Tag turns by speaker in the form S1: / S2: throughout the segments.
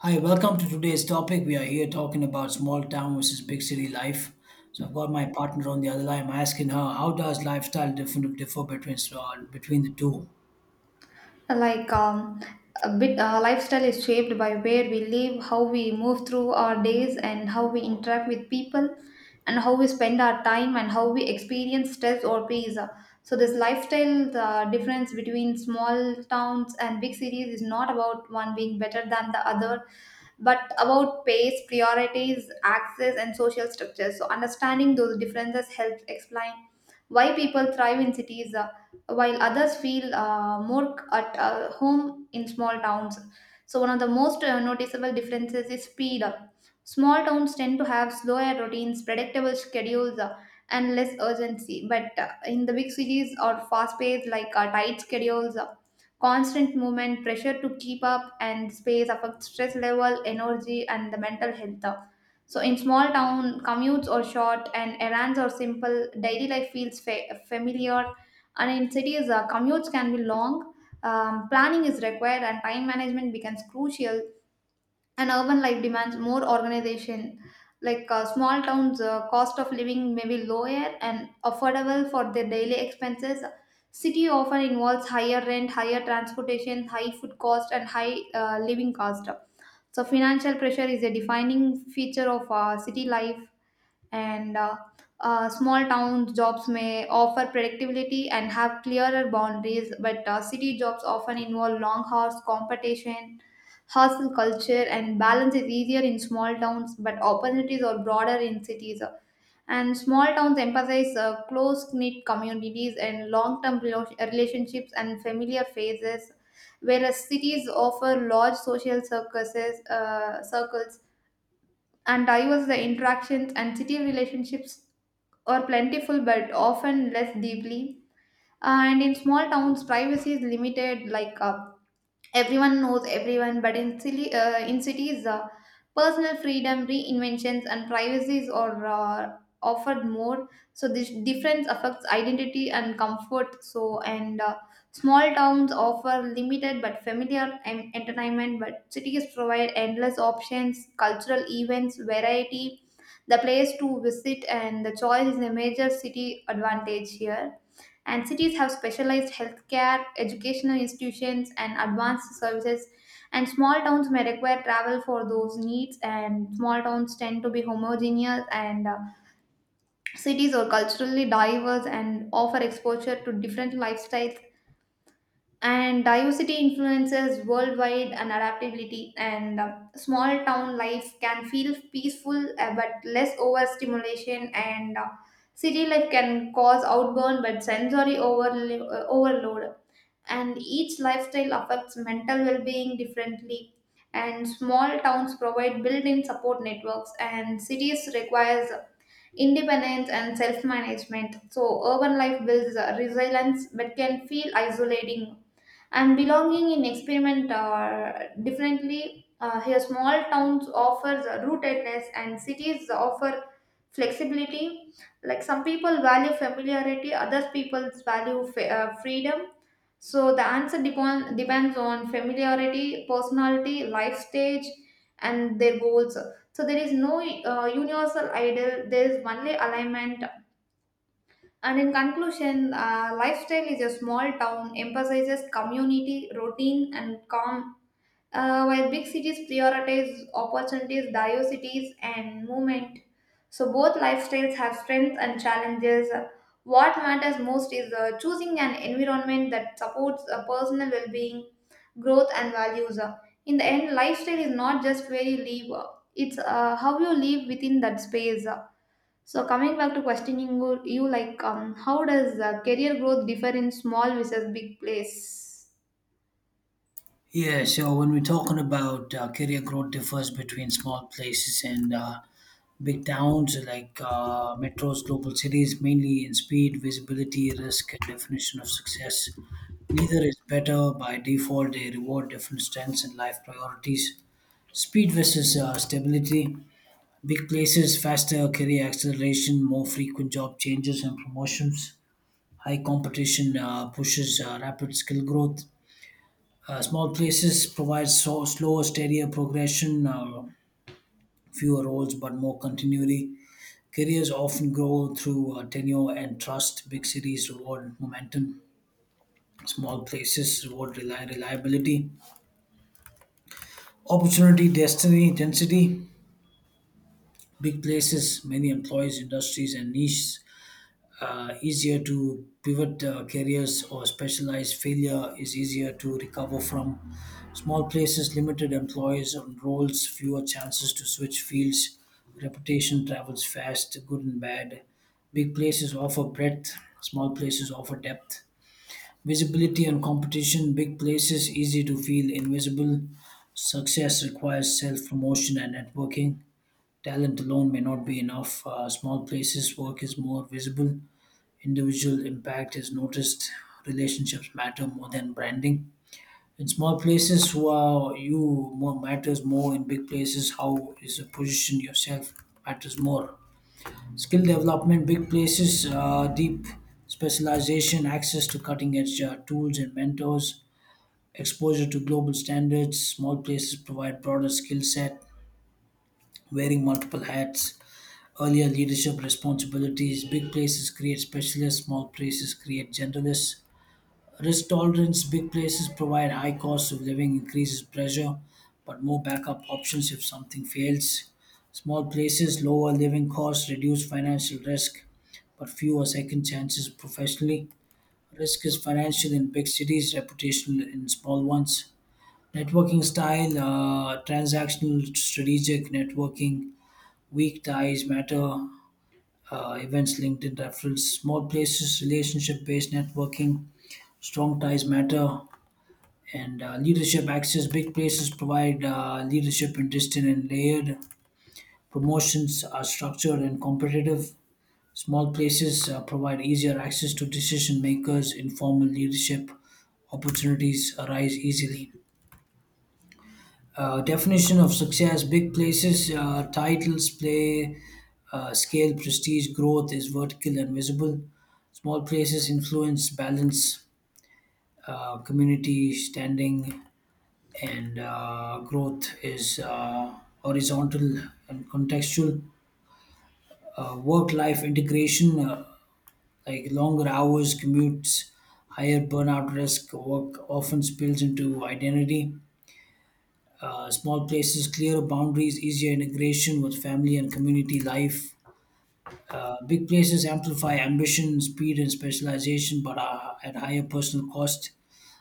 S1: Hi, welcome to today's topic. We are here talking about small town versus big city life. So I've got my partner on the other line. I'm asking her, how does lifestyle differ between between the two?
S2: Like a bit Lifestyle is shaped by where we live, how we move through our days, and how we interact with people, and how we spend our time, and how we experience stress or peace. So this lifestyle, the difference between small towns and big cities, is not about one being better than the other, but about pace, priorities, access, and social structures. So, understanding those differences helps explain why people thrive in cities, while others feel more c- at home in small towns. So, one of the most noticeable differences is speed. Small towns tend to have slower routines, predictable schedules, and less urgency. But in the big cities, or fast paced, tight schedules, constant movement, pressure to keep up, and space affect stress level, energy, and the mental health. So, in small town, commutes are short and errands are simple. Daily life feels familiar, and in cities, commutes can be long. Planning is required, and time management becomes crucial, and urban life demands more organization. Like small towns, cost of living may be lower and affordable for their daily expenses. City often involves higher rent, higher transportation, high food cost, and high living cost. So financial pressure is a defining feature of city life. And Small town jobs may offer predictability and have clearer boundaries, but city jobs often involve long hours, competition, hustle culture, and balance is easier in small towns, but opportunities are broader in cities. And small towns emphasize close knit communities and long term relationships and familiar faces, whereas cities offer large social circles and diverse the interactions, and city relationships or plentiful but often less deeply. And in small towns, privacy is limited, everyone knows everyone, but in cities, personal freedom, reinventions, and privacies are offered more. So this difference affects identity and comfort. So and Small towns offer limited but familiar entertainment, but cities provide endless options, cultural events, variety, the place to visit, and the choice is a major city advantage here. And cities have specialized healthcare, educational institutions, and advanced services. And small towns may require travel for those needs, and small towns tend to be homogeneous, and cities are culturally diverse and offer exposure to different lifestyles. And diversity influences worldwide and adaptability, and small town life can feel peaceful, but less overstimulation, and city life can cause outburn but sensory overload, and each lifestyle affects mental well-being differently. And small towns provide built-in support networks, and cities requires independence and self-management. So urban life builds resilience but can feel isolating, and belonging in experiment are differently here. Small towns offers rootedness and cities offer flexibility. Like some people value familiarity, others people value freedom. So the answer depends on familiarity, personality, life stage, and their goals. So there is no universal ideal, there is only alignment. And in conclusion, lifestyle is, a small town emphasizes community, routine, and calm, while big cities prioritize opportunities, diversities, and movement. So both lifestyles have strengths and challenges. What matters most is choosing an environment that supports a personal well-being, growth, and values. In the end, lifestyle is not just where you live; it's how you live within that space. So coming back to questioning you, how does career growth differ in small versus big place?
S1: Yeah, so when we're talking about career growth differs between small places and big towns like metros, global cities, mainly in speed, visibility, risk, and definition of success. Neither is better by default. They reward different strengths and life priorities. Speed versus stability. Big places, faster career acceleration, more frequent job changes and promotions. High competition pushes rapid skill growth. Small places provide so, slower, steadier progression, fewer roles but more continuity. Careers often grow through tenure and trust. Big cities reward momentum. Small places reward reliability, opportunity, destiny, density. Big places, many employees, industries, and niches easier to pivot careers or specialize. Failure is easier to recover from. Small places, limited employees and roles, fewer chances to switch fields. Reputation travels fast, good and bad. Big places offer breadth, small places offer depth. Visibility and competition, big places easy to feel invisible. Success requires self promotion and networking. Talent alone may not be enough. Small places, work is more visible, individual impact is noticed. Relationships matter more than branding. In small places, who are you more matters more. In big places, how is the position yourself matters more. Skill development, big places, deep specialization, access to cutting edge tools and mentors, exposure to global standards. Small places provide broader skill set, wearing multiple hats. Earlier leadership responsibilities, big places create specialists, small places create generalists. Risk tolerance, big places provide high cost of living, increases pressure, but more backup options if something fails. Small places, lower living costs, reduce financial risk, but fewer second chances professionally. Risk is financial in big cities, reputational in small ones. Networking style, transactional, strategic networking, weak ties matter, events, LinkedIn referrals. Small places, relationship based networking, strong ties matter, and leadership access. Big places provide leadership in distant and layered. Promotions are structured and competitive. Small places provide easier access to decision makers. Informal leadership opportunities arise easily. Definition of success, big places, titles, play, scale, prestige, growth is vertical and visible. Small places, influence balance, community, standing, and growth is horizontal and contextual. Work life integration, like longer hours, commutes, higher burnout risk, work often spills into identity. Small places, clearer boundaries, easier integration with family and community life. Big places amplify ambition, speed, and specialization, but are at higher personal cost.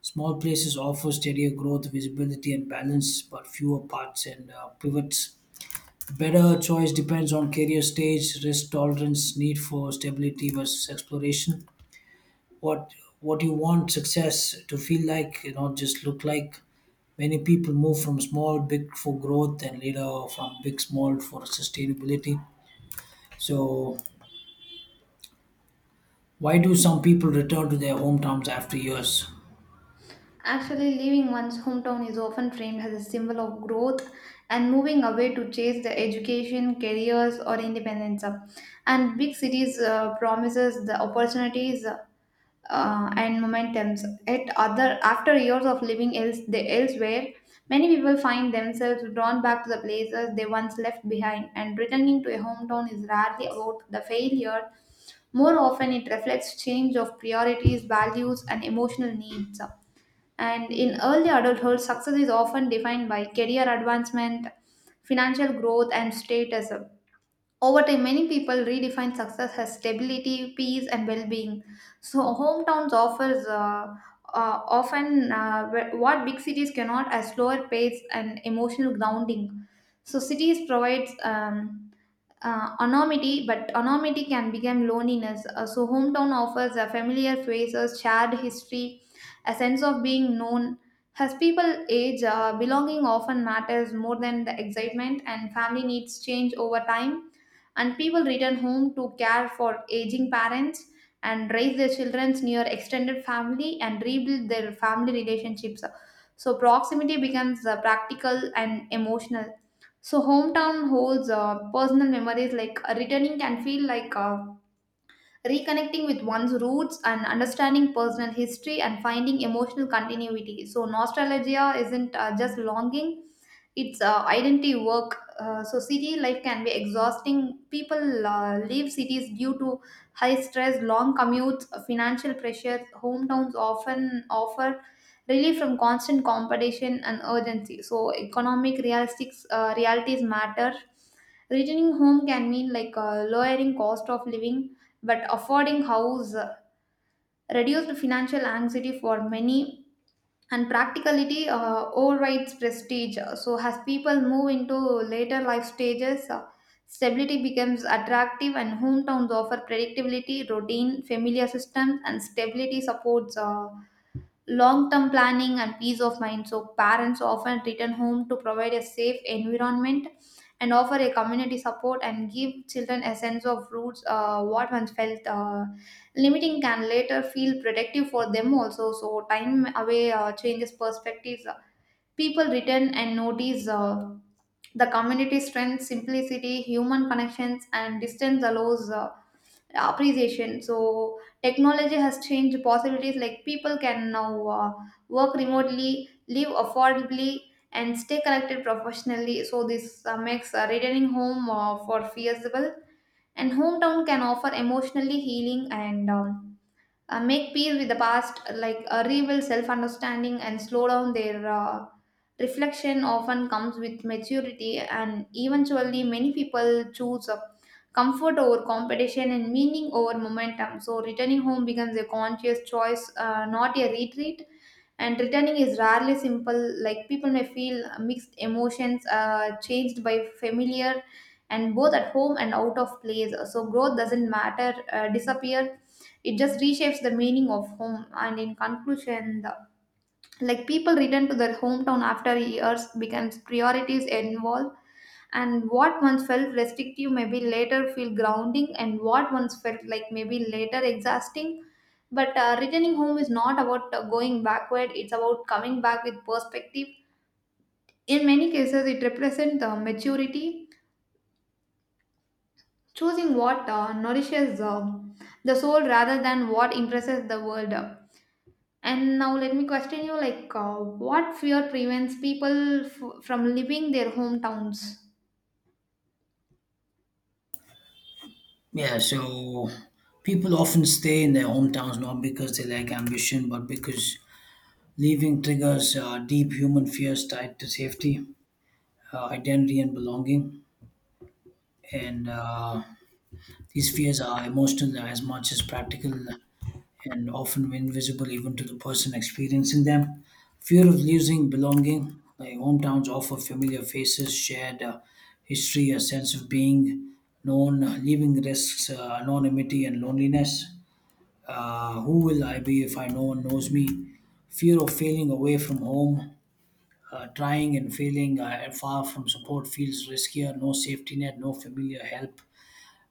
S1: Small places offer steadier growth, visibility, and balance, but fewer paths and pivots. Better choice depends on career stage, risk tolerance, need for stability versus exploration. What what you want success to feel like, you know, just look like. Many people move from small big for growth, and later from big small for sustainability. So why do some people return to their hometowns after years?
S2: Actually, leaving one's hometown is often framed as a symbol of growth and moving away to chase the education, careers, or independence. And big cities promises the opportunities, and momentums. At other, after years of living elsewhere, many people find themselves drawn back to the places they once left behind, and returning to a hometown is rarely about the failure. More often, it reflects change of priorities, values, and emotional needs. And in early adulthood, success is often defined by career advancement, financial growth, and status. Over time, many people redefine success as stability, peace, and well-being. So, hometowns offers, often, what big cities cannot, a slower pace and emotional grounding. So, cities provides, anonymity, but anonymity can become loneliness. So, hometown offers a familiar faces, shared history, a sense of being known. As people age, belonging often matters more than the excitement, and family needs change over time. And people return home to care for aging parents and raise their children near extended family and rebuild their family relationships. So, proximity becomes practical and emotional. So, hometown holds personal memories, returning can feel like reconnecting with one's roots and understanding personal history and finding emotional continuity. So, nostalgia isn't just longing, it's identity work. So city life can be exhausting. People leave cities due to high stress, long commutes, financial pressures. Hometowns often offer relief from constant competition and urgency. So economic realistics realities matter. Returning home can mean, lowering cost of living, but affording house, reduced financial anxiety for many, and practicality overrides prestige. So, as people move into later life stages, stability becomes attractive, and hometowns offer predictability, routine, familiar systems, and stability supports long term planning and peace of mind. So, parents often return home to provide a safe environment and offer a community support and give children a sense of roots. What once felt limiting can later feel protective for them also. So, time away changes perspectives. People return and notice the community strength, simplicity, human connections, and distance allows appreciation. So technology has changed possibilities. Like people can now work remotely, live affordably, and stay connected professionally. So this makes returning home for feasible. And hometown can offer emotionally healing and make peace with the past, like a rebuild self understanding and slow down their reflection, often comes with maturity. And eventually, many people choose comfort over competition and meaning over momentum. So, returning home becomes a conscious choice, not a retreat. And returning is rarely simple, like people may feel mixed emotions, changed by familiar and both at home and out of place. So growth doesn't matter disappear, it just reshapes the meaning of home. And in conclusion, the like people return to their hometown after years becomes priorities involved, and what once felt restrictive may be later feel grounding, and what once felt like maybe later exhausting, but returning home is not about going backward, it's about coming back with perspective. In many cases it represents maturity, choosing what nourishes the soul rather than what impresses the world. And now let me question you, like, what fear prevents people from leaving their hometowns?
S1: Yeah, so people often stay in their hometowns not because they lack ambition, but because leaving triggers deep human fears tied to safety, identity and belonging. And These fears are emotional as much as practical, and often invisible even to the person experiencing them. Fear of losing belonging, like hometowns offer familiar faces, shared history, a sense of being known, leaving risks, anonymity, and loneliness. Who will I be if I no one knows me? Fear of failing away from home, trying and failing far from support feels riskier. No safety net, no familiar help,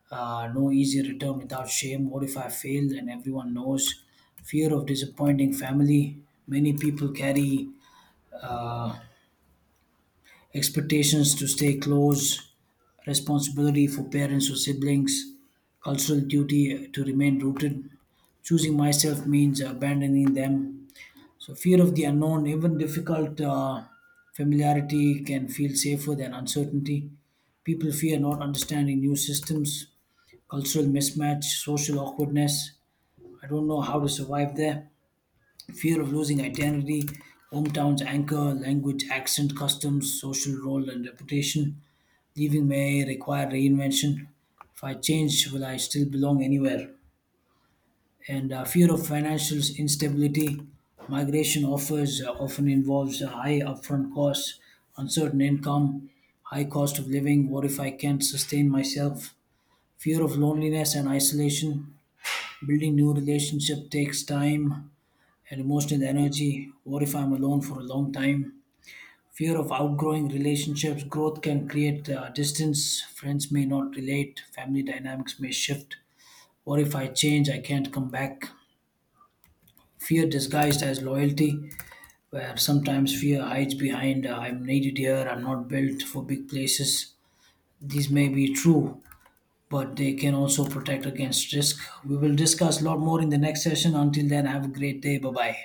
S1: no easy return without shame. What if I failed and everyone knows? Fear of disappointing family. Many people carry uh, expectations to stay close, responsibility for parents or siblings, cultural duty to remain rooted. Choosing myself means abandoning them. So, fear of the unknown, even difficult familiarity can feel safer than uncertainty. People fear not understanding new systems, cultural mismatch, social awkwardness. I don't know how to survive there. Fear of losing identity, hometown's anchor, language, accent, customs, social role, and reputation. Leaving may require reinvention. If I change, will I still belong anywhere? And Fear of financial instability. Migration offers often involves high upfront costs, uncertain income, high cost of living. What if I can't sustain myself? Fear of loneliness and isolation. Building new relationship takes time and emotional energy. What if I'm alone for a long time? Fear of outgrowing relationships. Growth can create distance. Friends may not relate. Family dynamics may shift. What if I change? I can't come back. Fear disguised as loyalty, where sometimes fear hides behind I'm needed here, I'm not built for big places. These may be true, but they can also protect against risk. We will discuss a lot more in the next session. Until then, have a great day. Bye bye.